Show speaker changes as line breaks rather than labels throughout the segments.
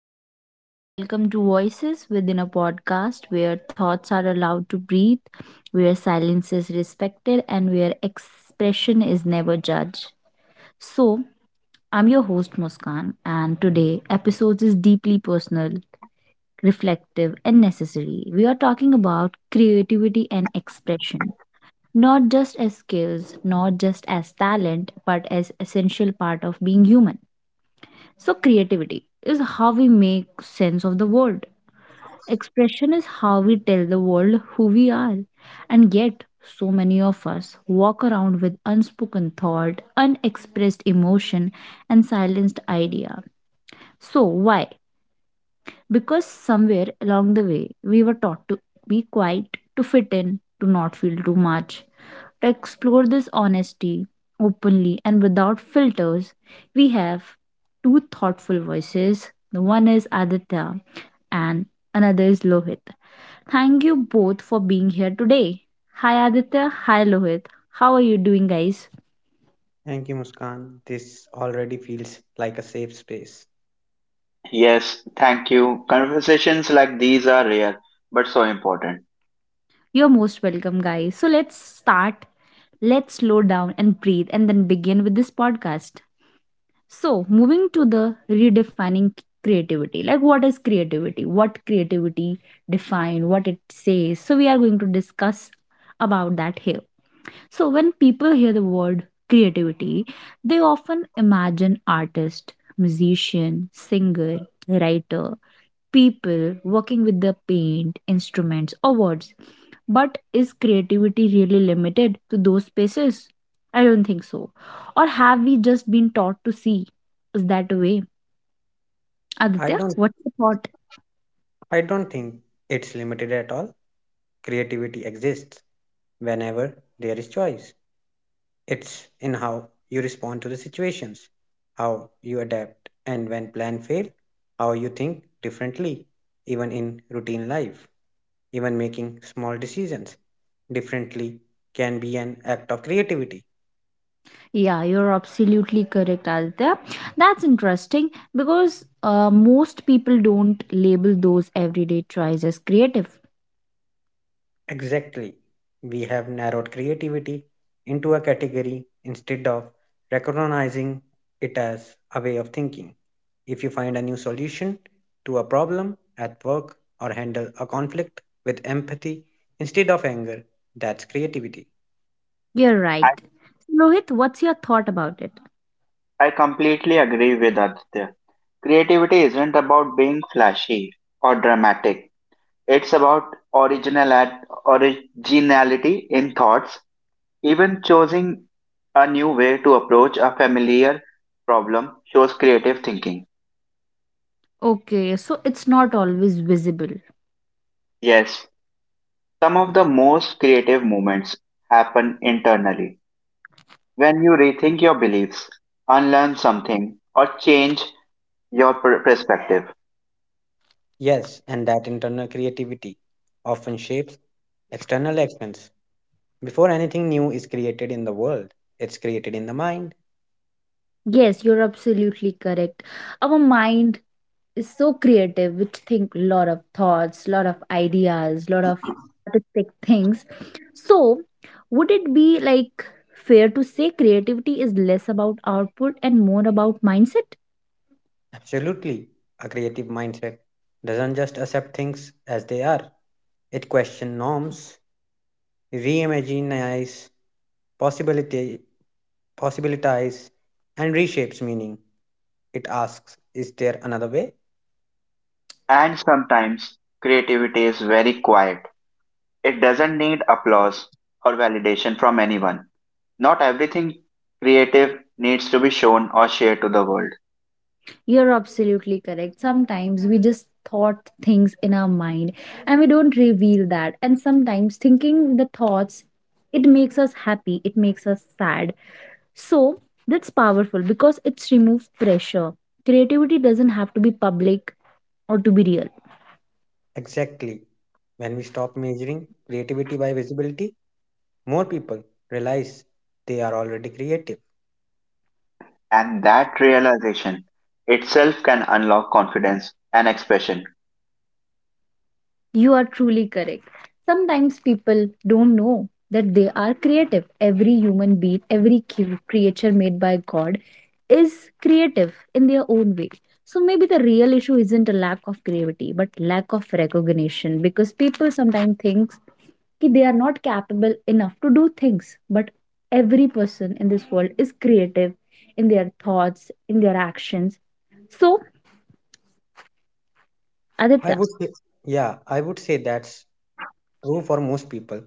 everyone, and welcome to Voices Within a Podcast, where thoughts are allowed to breathe, where silence is respected, and where expression is never judged. So, I'm your host, Muskan, and today, episode is deeply personal, reflective, and necessary. We are talking about creativity and expression, not just as skills, not just as talent, but as essential part of being human. So, creativity is how we make sense of the world. Expression is how we tell the world who we are. And yet, so many of us walk around with unspoken thought, unexpressed emotion, and silenced idea. So, why? Because somewhere along the way, we were taught to be quiet, to fit in, to not feel too much, to explore this honesty openly and without filters, we have two thoughtful voices. The one is Aditya and another is Lohit. Thank you both for being here today. Hi Aditya, hi Lohit. How are you doing, guys?
Thank you, Muskan. This already feels like a safe space.
Yes, thank you. Conversations like these are rare, but so important.
You're most welcome, guys. So let's start. Let's slow down and breathe and then begin with this podcast. So, moving to the redefining creativity, like what is creativity? What creativity define? What it says? So, we are going to discuss about that here. So, when people hear the word creativity, they often imagine artist, musician, singer, writer, people working with the paint, instruments, or words, but is creativity really limited to those spaces? I don't think so. Or have we just been taught to see is that way?
I
Aditya,
don't
what's your thought?
I don't think it's limited at all. Creativity exists whenever there is choice. It's in how you respond to the situations, how you adapt, and when plan fail, how you think differently, even in routine life, even making small decisions differently can be an act of creativity.
Yeah, you're absolutely correct, Aditya. That's interesting because most people don't label those everyday tries as creative.
Exactly. We have narrowed creativity into a category instead of recognizing it as a way of thinking. If you find a new solution to a problem at work or handle a conflict with empathy instead of anger, that's creativity.
You're
I,
right. Lohit, what's your thought about it?
I completely agree with Aditya. Creativity isn't about being flashy or dramatic. It's about originality in thoughts, even choosing a new way to approach a familiar problem shows creative thinking.
Okay, so it's not always visible.
Yes, some of the most creative moments happen internally when you rethink your beliefs, unlearn something, or change your perspective.
Yes, and that internal creativity often shapes external actions. Before anything new is created in the world, it's created in the mind.
Yes, you're absolutely correct. Our mind is so creative, which think lot of thoughts, lot of ideas, lot of artistic things. So would it be like fair to say creativity is less about output and more about mindset?
Absolutely. A creative mindset doesn't just accept things as they are, it questions norms, reimagines possibility, possibilities, and reshapes meaning. It asks, is there another way?
And sometimes creativity is very quiet. It doesn't need applause or validation from anyone. Not everything creative needs to be shown or shared to the world.
You're absolutely correct. Sometimes we just thought things in our mind and we don't reveal that, and sometimes thinking the thoughts, it makes us happy, it makes us sad. So that's powerful because it's removes pressure. Creativity doesn't have to be public or to be real.
Exactly. When we stop measuring creativity by visibility, more people realize they are already creative.
And that realization itself can unlock confidence and expression.
You are truly correct. Sometimes people don't know that they are creative. Every human being, every creature made by God is creative in their own way. So maybe the real issue isn't a lack of creativity, but lack of recognition, because people sometimes think that they are not capable enough to do things. But every person in this world is creative in their thoughts, in their actions. So,
I
Aditya,
would say, yeah, I would say that's true for most people.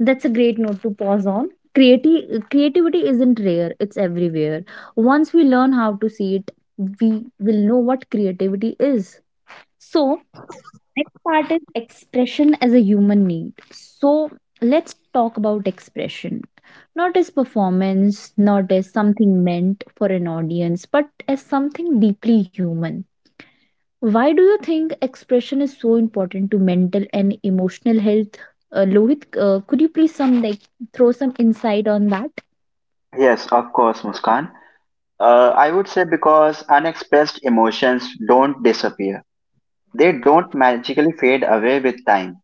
that's a great note to pause on. Creativity isn't rare, it's everywhere. Once we learn how to see it, we will know what creativity is. So, next part is expression as a human need. So, let's talk about expression. Not as performance, not as something meant for an audience, but as something deeply human. Why do you think expression is so important to mental and emotional health? Lohit, could you please some like throw some insight on that?
Yes, of course, Muskan. I would say because unexpressed emotions don't disappear. They don't magically fade away with time.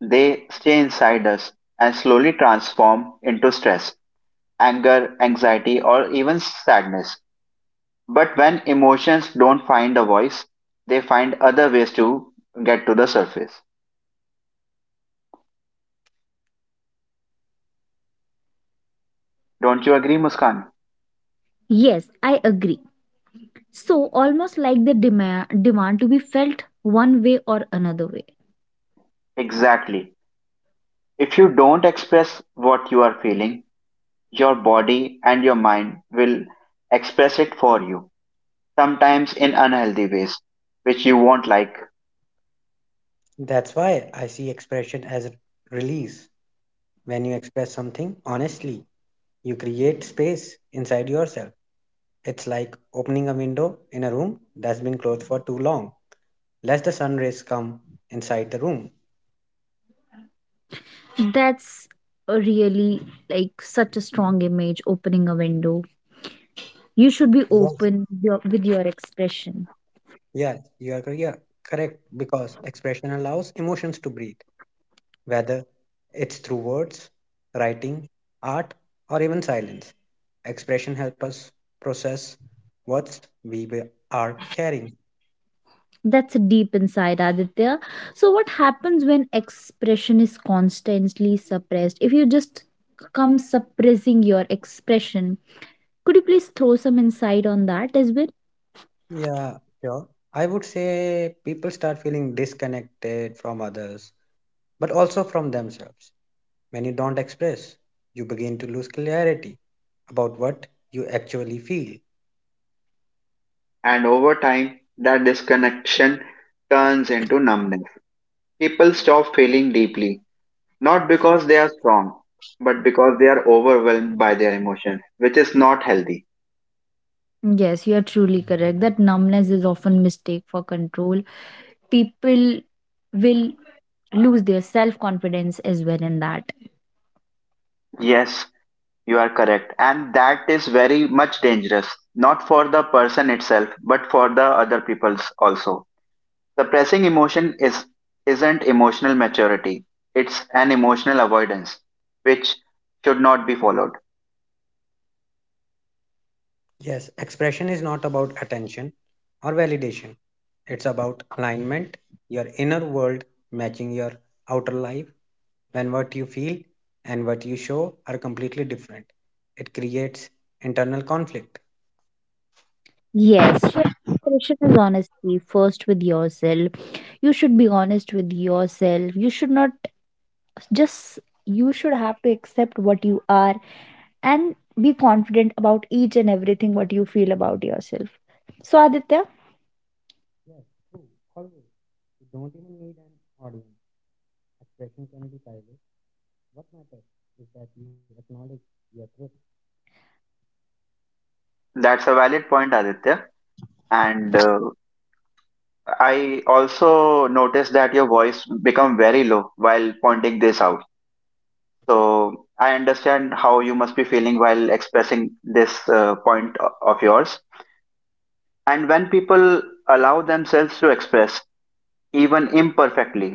They stay inside us and slowly transform into stress, anger, anxiety, or even sadness. But when emotions don't find a voice, they find other ways to get to the surface. Don't you agree, Muskan?
Yes, I agree. So, almost like the demand to be felt one way or another way.
Exactly. If you don't express what you are feeling, your body and your mind will express it for you, sometimes in unhealthy ways, which you won't like.
That's why I see expression as release. When you express something honestly, you create space inside yourself. It's like opening a window in a room that's been closed for too long. Let the sun rays come inside the room.
That's a really like such a strong image, opening a window. You should be
Yes.
open with your expression.
Yeah, you are cor- yeah, Correct, because expression allows emotions to breathe, whether it's through words, writing, art, or even silence. Expression helps us process what are carrying.
That's deep inside Aditya. So, what happens when expression is constantly suppressed? If you just come suppressing your expression, could you please throw some insight on that as well?
Yeah, sure. I would say people start feeling disconnected from others, but also from themselves. When you don't express, you begin to lose clarity about what you actually feel.
And over time, that disconnection turns into numbness. People stop feeling deeply, not because they are strong, but because they are overwhelmed by their emotions, which is not healthy.
Yes, you are truly correct. That numbness is often mistake for control. People will lose their self confidence as well in that.
Yes, you are correct. And that is very much dangerous, not for the person itself, but for the other people's also. Suppressing emotion isn't emotional maturity, it's an emotional avoidance, which should not be followed.
Yes, expression is not about attention or validation, it's about alignment, your inner world matching your outer life. When what you feel and what you show are completely different, it creates internal conflict.
Yes, so expression is honesty first with yourself. You should be honest with yourself. You should not just you should have to accept what you are and be confident about each and everything what you feel about yourself. So Aditya,
Yes, true, always. You don't even need an audience. Expression can be private. What matters is that you acknowledge your truth.
That's a valid point, Aditya. And I also noticed that your voice become very low while pointing this out, so I understand how you must be feeling while expressing this point of yours. And when people allow themselves to express, even imperfectly,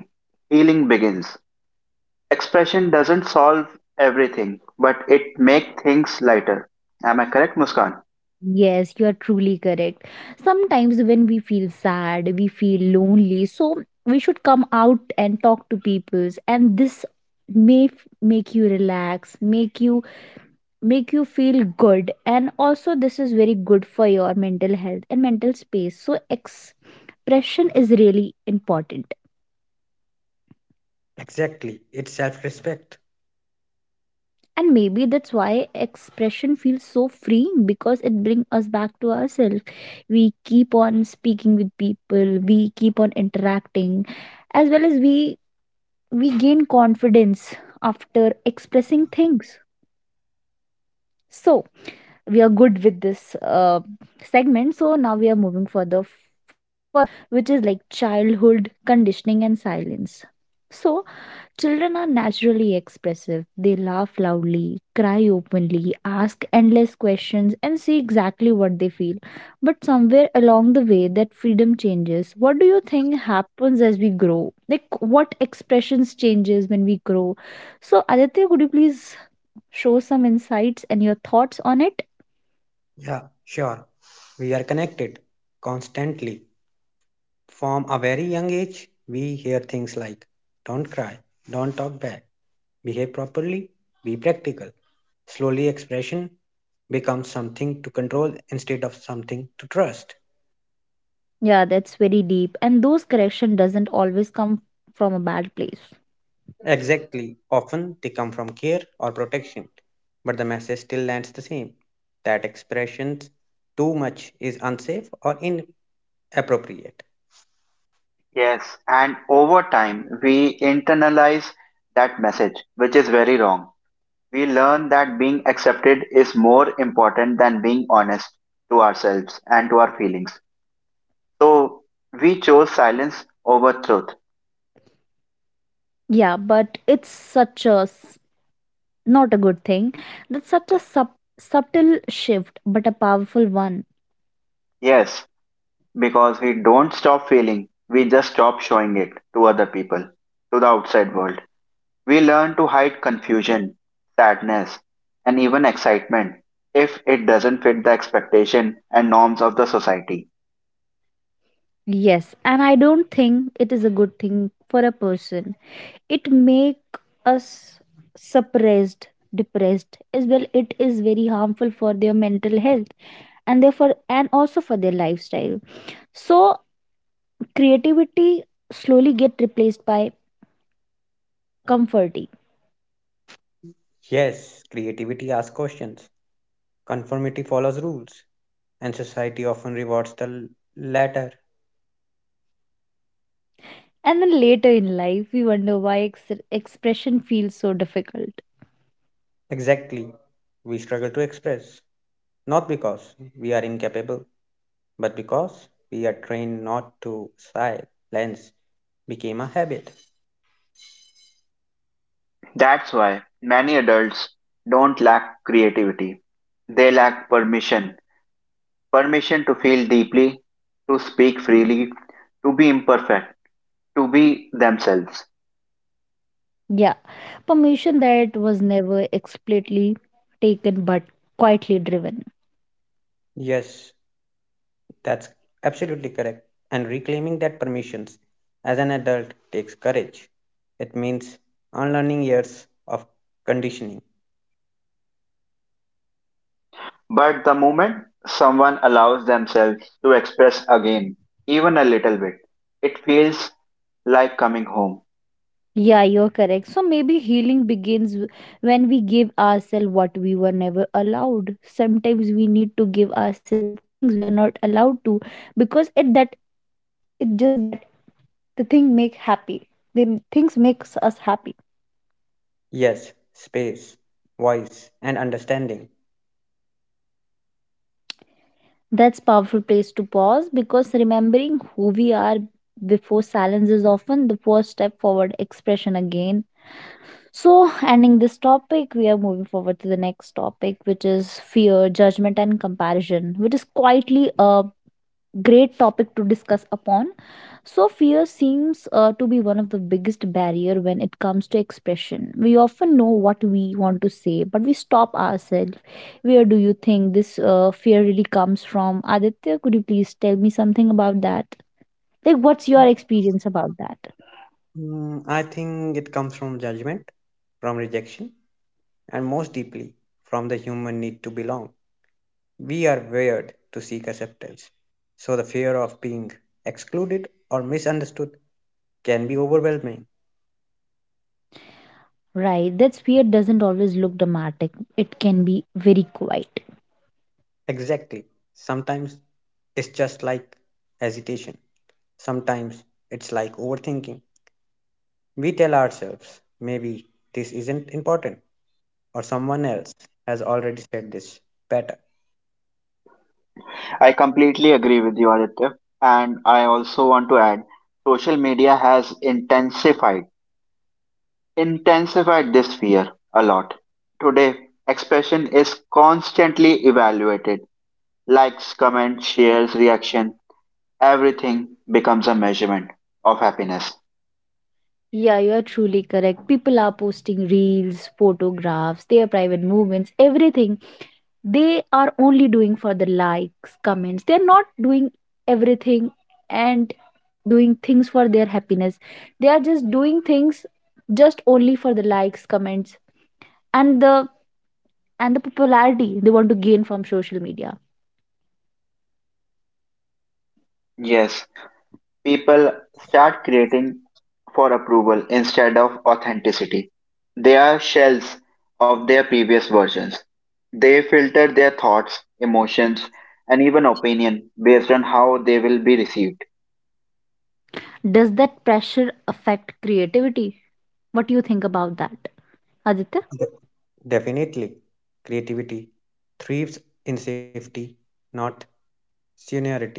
healing begins. Expression doesn't solve everything, but it make things lighter. Am I correct, Muskan?
yes, you are truly correct. Sometimes when we feel sad, we feel lonely, so we should come out and talk to people, and this may make you relax, make you feel good, and also this is very good for your mental health and mental space. So expression is really important.
Exactly, it's self respect.
And maybe that's why expression feels so freeing, because it brings us back to ourselves. We keep on speaking with people, we keep on interacting, as well as we gain confidence after expressing things. So we are good with this segment. So now we are moving further, which is like childhood conditioning and silence. So children are naturally expressive. They laugh loudly, cry openly, ask endless questions, and say exactly what they feel. But somewhere along the way, that freedom changes. What do you think happens as we grow? Like, what expressions changes when we grow? So, Aditya, could you please show some insights and your thoughts on it?
Yeah, sure. We are connected constantly. From a very young age, we hear things like don't cry, don't talk back, behave properly, be practical. Slowly, expression becomes something to control instead of something to trust.
Yeah, that's very deep. And those correction doesn't always come from a bad place.
Exactly, often they come from care or protection, but the message still lands the same, that expressions too much is unsafe or inappropriate.
Yes, and over time we internalize that message, which is very wrong. We learn that being accepted is more important than being honest to ourselves and to our feelings. So we chose silence over truth.
Yeah, but it's such a not a good thing. That's such a subtle shift, but a powerful one.
Yes, because we don't stop feeling, we just stop showing it to other people, to the outside world. We learn to hide confusion, sadness, and even excitement if it doesn't fit the expectation and norms of the society.
Yes, and I don't think it is a good thing for a person. It make us suppressed, depressed as well. It is very harmful for their mental health, and therefore and also for their lifestyle. So creativity slowly get replaced by comforting.
Yes, creativity asks questions, conformity follows rules, and society often rewards the latter.
And then later in life we wonder why expression feels so difficult.
Exactly. We struggle to express, not because we are incapable, but because we are trained not to. Silence became a habit.
That's why many adults don't lack creativity, they lack permission. Permission to feel deeply, to speak freely, to be imperfect, to be themselves.
Yeah. Permission that was never explicitly taken but quietly driven.
Yes, that's absolutely correct. And reclaiming that permissions as an adult takes courage. It means unlearning years of conditioning.
But the moment someone allows themselves to express again, even a little bit, it feels like coming home.
Yeah, you're correct. So maybe healing begins when we give ourselves what we were never allowed. Sometimes we need to give ourselves things we are not allowed to because it that it just that the thing make happy. The things makes us happy.
Yes, space, voice, and understanding.
That's powerful place to pause because remembering who we are before silence is often the first step forward expression again. So, ending this topic, we are moving forward to the next topic, which is fear, judgment, and comparison, which is quietly a great topic to discuss upon. So, fear seems to be one of the biggest barrier when it comes to expression. We often know what we want to say, but we stop ourselves. Where do you think this fear really comes from? Aditya, could you please tell me something about that? Like, what's your experience about that?
I think it comes from judgment, from rejection, and most deeply from the human need to belong. We are wired to seek acceptance, so the fear of being excluded or misunderstood can be overwhelming.
Right, that's fear doesn't always look dramatic. It can be very quiet.
Exactly. Sometimes it's just like hesitation, sometimes it's like overthinking. We tell ourselves, maybe this isn't important or someone else has already said this better.
I completely agree with you, Aditya. And I also want to add social media has intensified this fear a lot. Today, expression is constantly evaluated. Likes, comments, shares, reaction. Everything becomes a measurement of happiness.
Yeah, you are truly correct. People are posting reels, photographs, their private movements, everything. They are only doing for the likes, comments. They're not doing everything and doing things for their happiness. They are just doing things just only for the likes, comments, and the popularity they want to gain from social media.
Yes, people start creating for approval instead of authenticity. They are shells of their previous versions. They filter their thoughts, emotions, and even opinion based on how they will be received.
Does that pressure affect creativity? What do you think about that, Aditya?
Definitely, creativity thrives in safety, not seniority.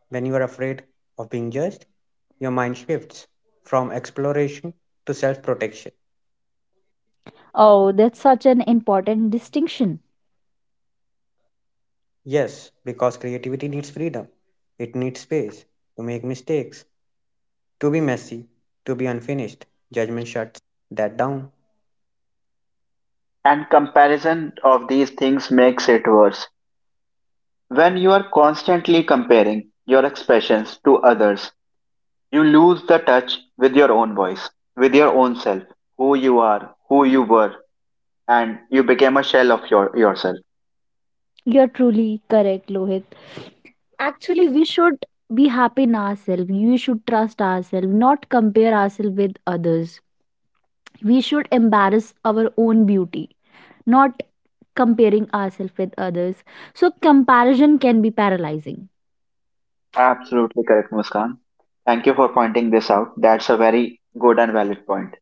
When you are afraid of being judged, your mind shifts from exploration to self protection.
Oh, that's such an important distinction.
Yes, because creativity needs freedom, it needs space to make mistakes, to be messy, to be unfinished. Judgment shuts that down.
And comparison of these things makes it worse. When you are constantly comparing your expressions to others, you lose the touch with your own voice, with your own self, who you are, who you were, and you became a shell of your yourself.
You're truly correct, Lohit. Actually, we should be happy in ourselves. We should trust ourselves, not compare ourselves with others. We should embrace our own beauty, not comparing ourselves with others. So, comparison can be paralyzing.
Absolutely correct, Muskan. Thank you for pointing this out. That's a very good and valid point.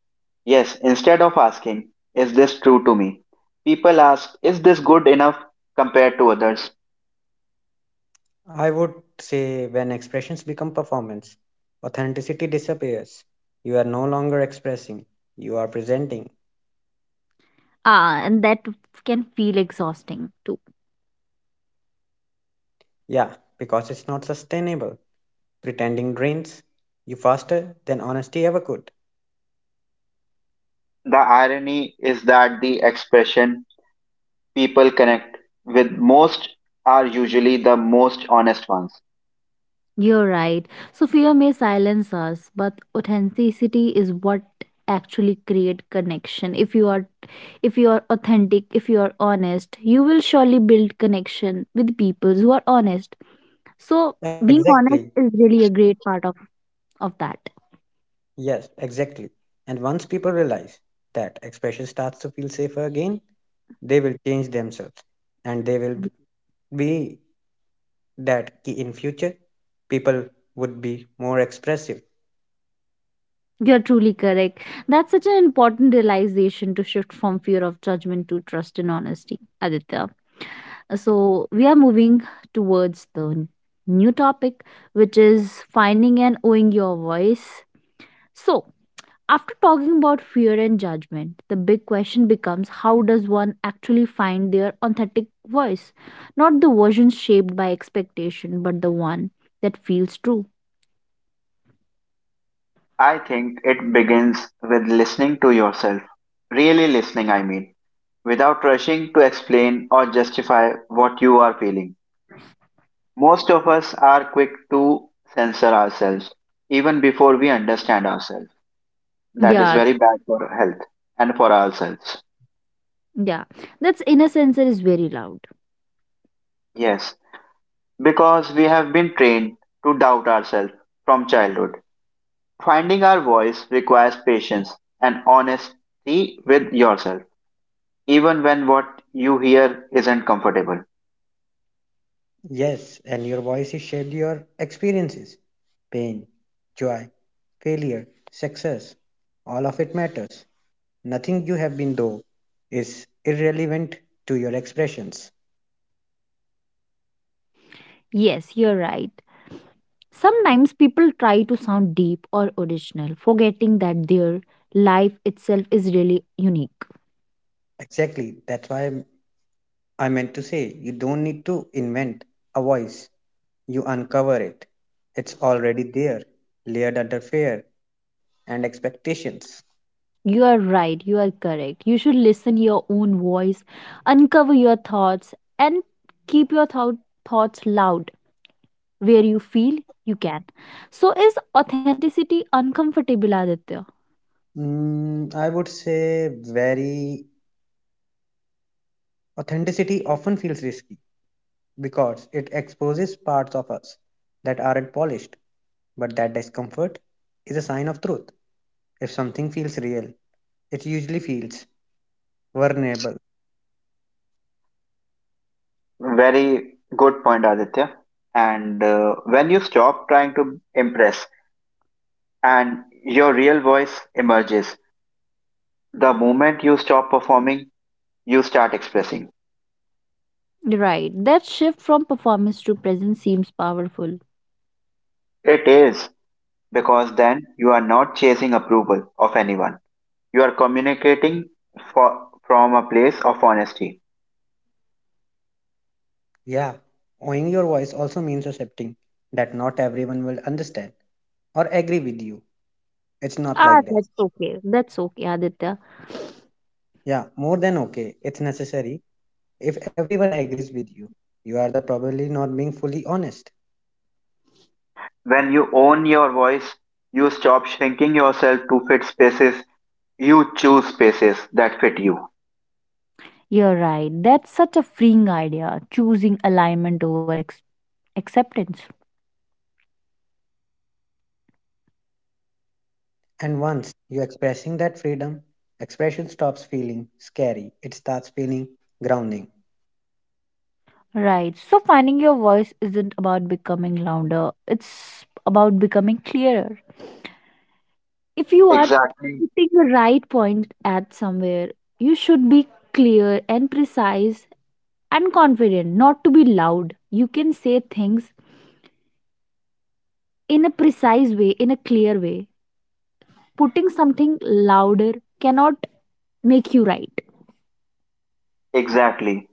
Yes, instead of asking, is this true to me? People ask, is this good enough compared to others?
I would say when expressions become performance, authenticity disappears. You are no longer expressing, you are presenting.
Ah, and that can feel exhausting too.
Yeah, because it's not sustainable. Pretending drains you faster than honesty ever could.
The irony is that the expression people connect with most are usually the most honest ones.
You're right. So fear may silence us, but authenticity is what actually create connection. If you are authentic, if you are honest, you will surely build connection with people who are honest. So being
Exactly.
honest is really a great part of that.
Yes, exactly. And once people realize that expression starts to feel safer again, they will change themselves. And they will be that in future, people would be more expressive.
You're truly correct. That's such an important realization to shift from fear of judgment to trust and honesty, Aditya. So, we are moving towards the new topic, which is finding and owning your voice. So, after talking about fear and judgment, the big question becomes how does one actually find their authentic voice? Not the version shaped by expectation, but the one that feels true.
I think it begins with listening to yourself. Really listening, I mean, without rushing to explain or justify what you are feeling. Most of us are quick to censor ourselves, even before we understand ourselves. That is
Yeah,
very bad for health and for ourselves.
yeah. That's in a sense it is very loud.
Yes, because we have been trained to doubt ourselves from childhood. Finding our voice requires patience and honesty with yourself, even when what you hear isn't comfortable.
Yes, and your voice voices shed your experiences, pain, joy, failure, success. All of it matters. Nothing you have been though is irrelevant to your expressions.
Yes, you're right. Sometimes people try to sound deep or original, forgetting that their life itself is really unique.
Exactly. I meant to say you don't need to invent a voice. You uncover it. It's already there, layered under fear and expectations.
You are right, you are correct. You should listen your own voice, uncover your thoughts and keep your thoughts loud where you feel you can. So is authenticity uncomfortable Aditya?
I would say very authenticity often feels risky because it exposes parts of us that aren't polished, but that discomfort is a sign of truth. If something feels real, it usually feels vulnerable.
Very good point, Aditya. And when you stop trying to impress and your real voice emerges, the moment you stop performing, you start expressing.
Right. That shift from performance to presence seems powerful.
It is because then you are not chasing approval of anyone. You are communicating from a place of honesty.
Yeah, owning your voice also means accepting that not everyone will understand or agree with you. It's not
Ah,
like that.
that's okay. That's okay, Aditya.
Yeah, more than okay, it's necessary. If everyone agrees with you, you are the probably not being fully honest.
When you own your voice, you stop shrinking yourself to fit spaces. You choose spaces that fit you.
You're right. That's such a freeing idea, choosing alignment over acceptance.
And once you expressing that freedom, expression stops feeling scary. It starts feeling grounding.
Right. So finding your voice isn't about becoming louder, it's about becoming clearer. If you are
Exactly,
putting the right point at somewhere, you should be clear and precise and confident, not to be loud. You can say things in a precise way, in a clear way. Putting something louder cannot make you right.
exactly.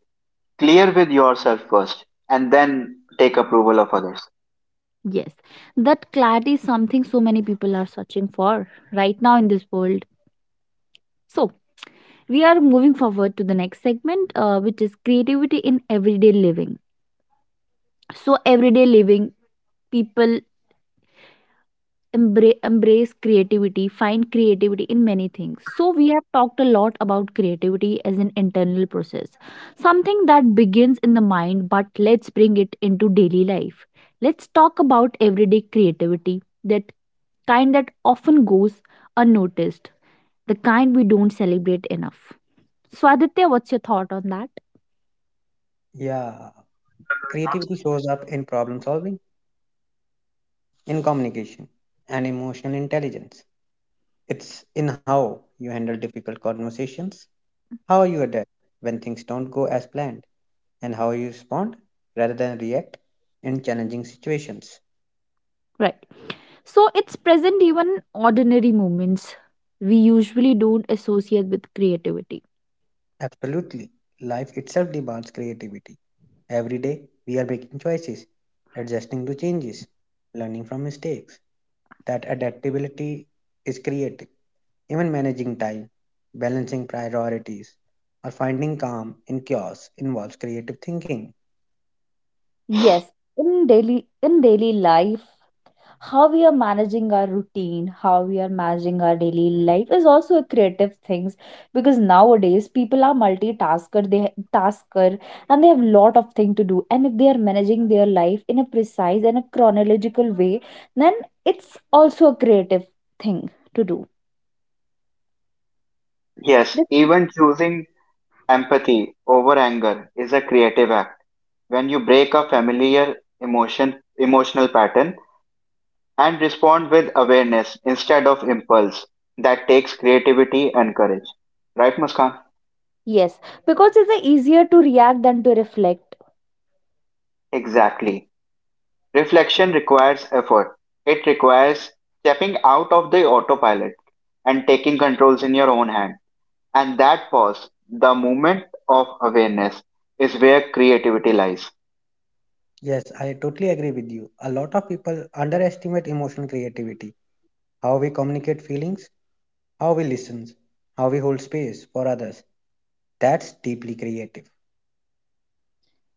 Clear with yourself first and then take approval of others.
Yes, that clarity is something so many people are searching for right now in this world. So, we are moving forward to the next segment, which is creativity in everyday living. So, everyday living, people embrace creativity, find creativity in many things. So we have talked a lot about creativity as an internal process, something that begins in the mind, but let's bring it into daily life. Let's talk about everyday creativity, that kind that often goes unnoticed, the kind we don't celebrate enough. So Aditya, what's your thought on that?
Yeah, creativity shows up in problem solving, in communication, and emotional intelligence. It's in how you handle difficult conversations, how you adapt when things don't go as planned, and how you respond rather than react in challenging situations.
Right, so it's present even ordinary moments we usually don't associate with creativity.
Absolutely. Life itself demands creativity. Every day, we are making choices, adjusting to changes, learning from mistakes. That adaptability is creative. Even managing time, balancing priorities, or finding calm in chaos involves creative thinking.
Yes, in daily life, how we are managing our routine, how we are managing our daily life is also a creative things, because nowadays people are multitasker, they tasker, and they have lot of thing to do. And if they are managing their life in a precise and a chronological way, then it's also a creative thing to do.
Yes,
This,
even choosing empathy over anger is a creative act. When you break a familiar emotional pattern and respond with awareness instead of impulse, that takes creativity and courage. Right, Muskan?
yes, because it's easier to react than to reflect.
Exactly. Reflection requires effort. It requires stepping out of the autopilot and taking controls in your own hand. And that pause, the moment of awareness, is where creativity lies.
Yes, I totally agree with you. A lot of people underestimate emotional creativity, how we communicate feelings, how we listen, how we hold space for others. That's deeply creative.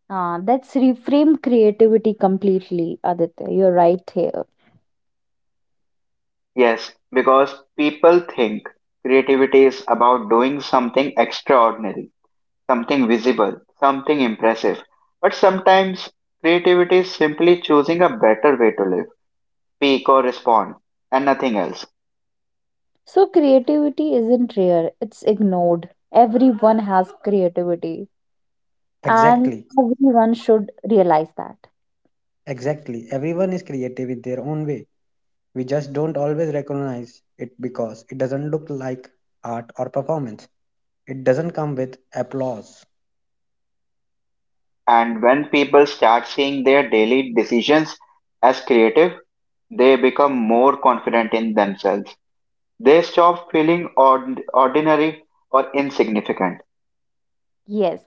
Ah, that's reframe creativity completely, Aditya. You're right here.
Yes, because people think creativity is about doing something extraordinary, something visible, something impressive. But sometimes creativity is simply choosing a better way to live, speak, or respond, and nothing else.
So, creativity isn't rare, it's ignored. Everyone has creativity, and
Exactly,
everyone should realize that.
exactly. Everyone is creative in their own way. We just don't always recognize it because it doesn't look like art or performance. It doesn't come with applause.
And when people start seeing their daily decisions as creative, they become more confident in themselves. They stop feeling ordinary or insignificant.
Yes,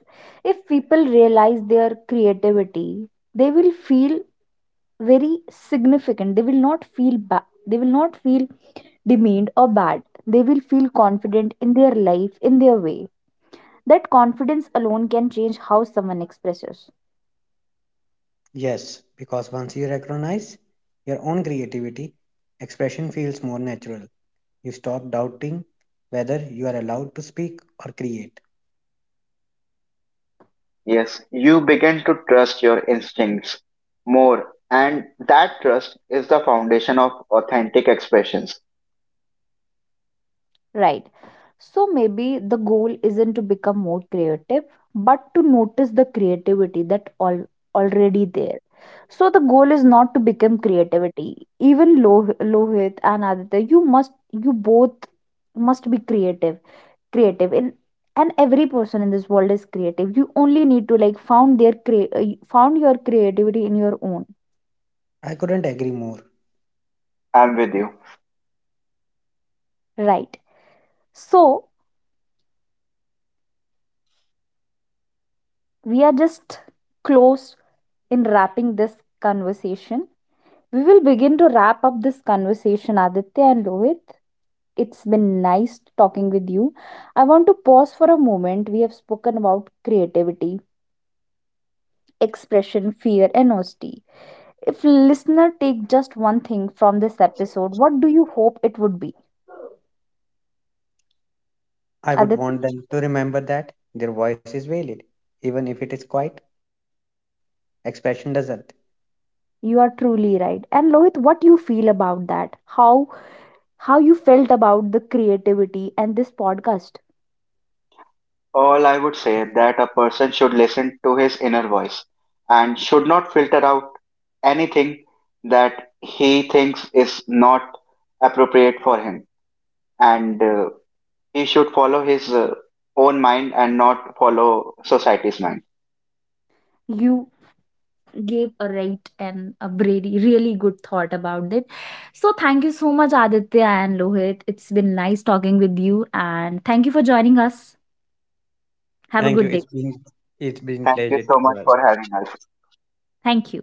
if people realize their creativity, they will feel very significant. They will not feel bad, they will not feel demeaned or bad. They will feel confident in their life, in their way. That confidence alone can change how someone expresses.
Yes, because once you recognize your own creativity, expression feels more natural. You stop doubting whether you are allowed to speak or create.
Yes, you begin to trust your instincts more, and that trust is the foundation of authentic expressions.
Right. So maybe the goal isn't to become more creative, but to notice the creativity that all already there. So the goal is not to become creativity. Even Lohit and Aditya, you must, you both must be creative. In and every person in this world is creative. You only need to like found their found your creativity in your own.
I couldn't agree more.
I'm with you.
Right. So we are just close in wrapping this conversation. We will begin to wrap up this conversation, Aditya and Lohit. It's been nice talking with you. I want to pause for a moment. We have spoken about creativity, expression, fear, and honesty. If listener take just one thing from this episode, what do you hope it would be?
I would
Aditya,
want them to remember that their voice is valid, even if it is quiet. Expression doesn't.
you are truly right. And Lohit, what you feel about that? How you felt about the creativity and this podcast?
All I would say that a person should listen to his inner voice and should not filter out anything that he thinks is not appropriate for him, and he should follow his own mind and not follow society's mind.
You gave a right and a really, really good thought about it. So thank you so much, Aditya and Lohit. It's been nice talking with you, and thank you for joining us. Have a
Thank you.
good
It's
day.
been it's been
Thank
pleasure
you so
to
much
us.
for having us.
Thank you.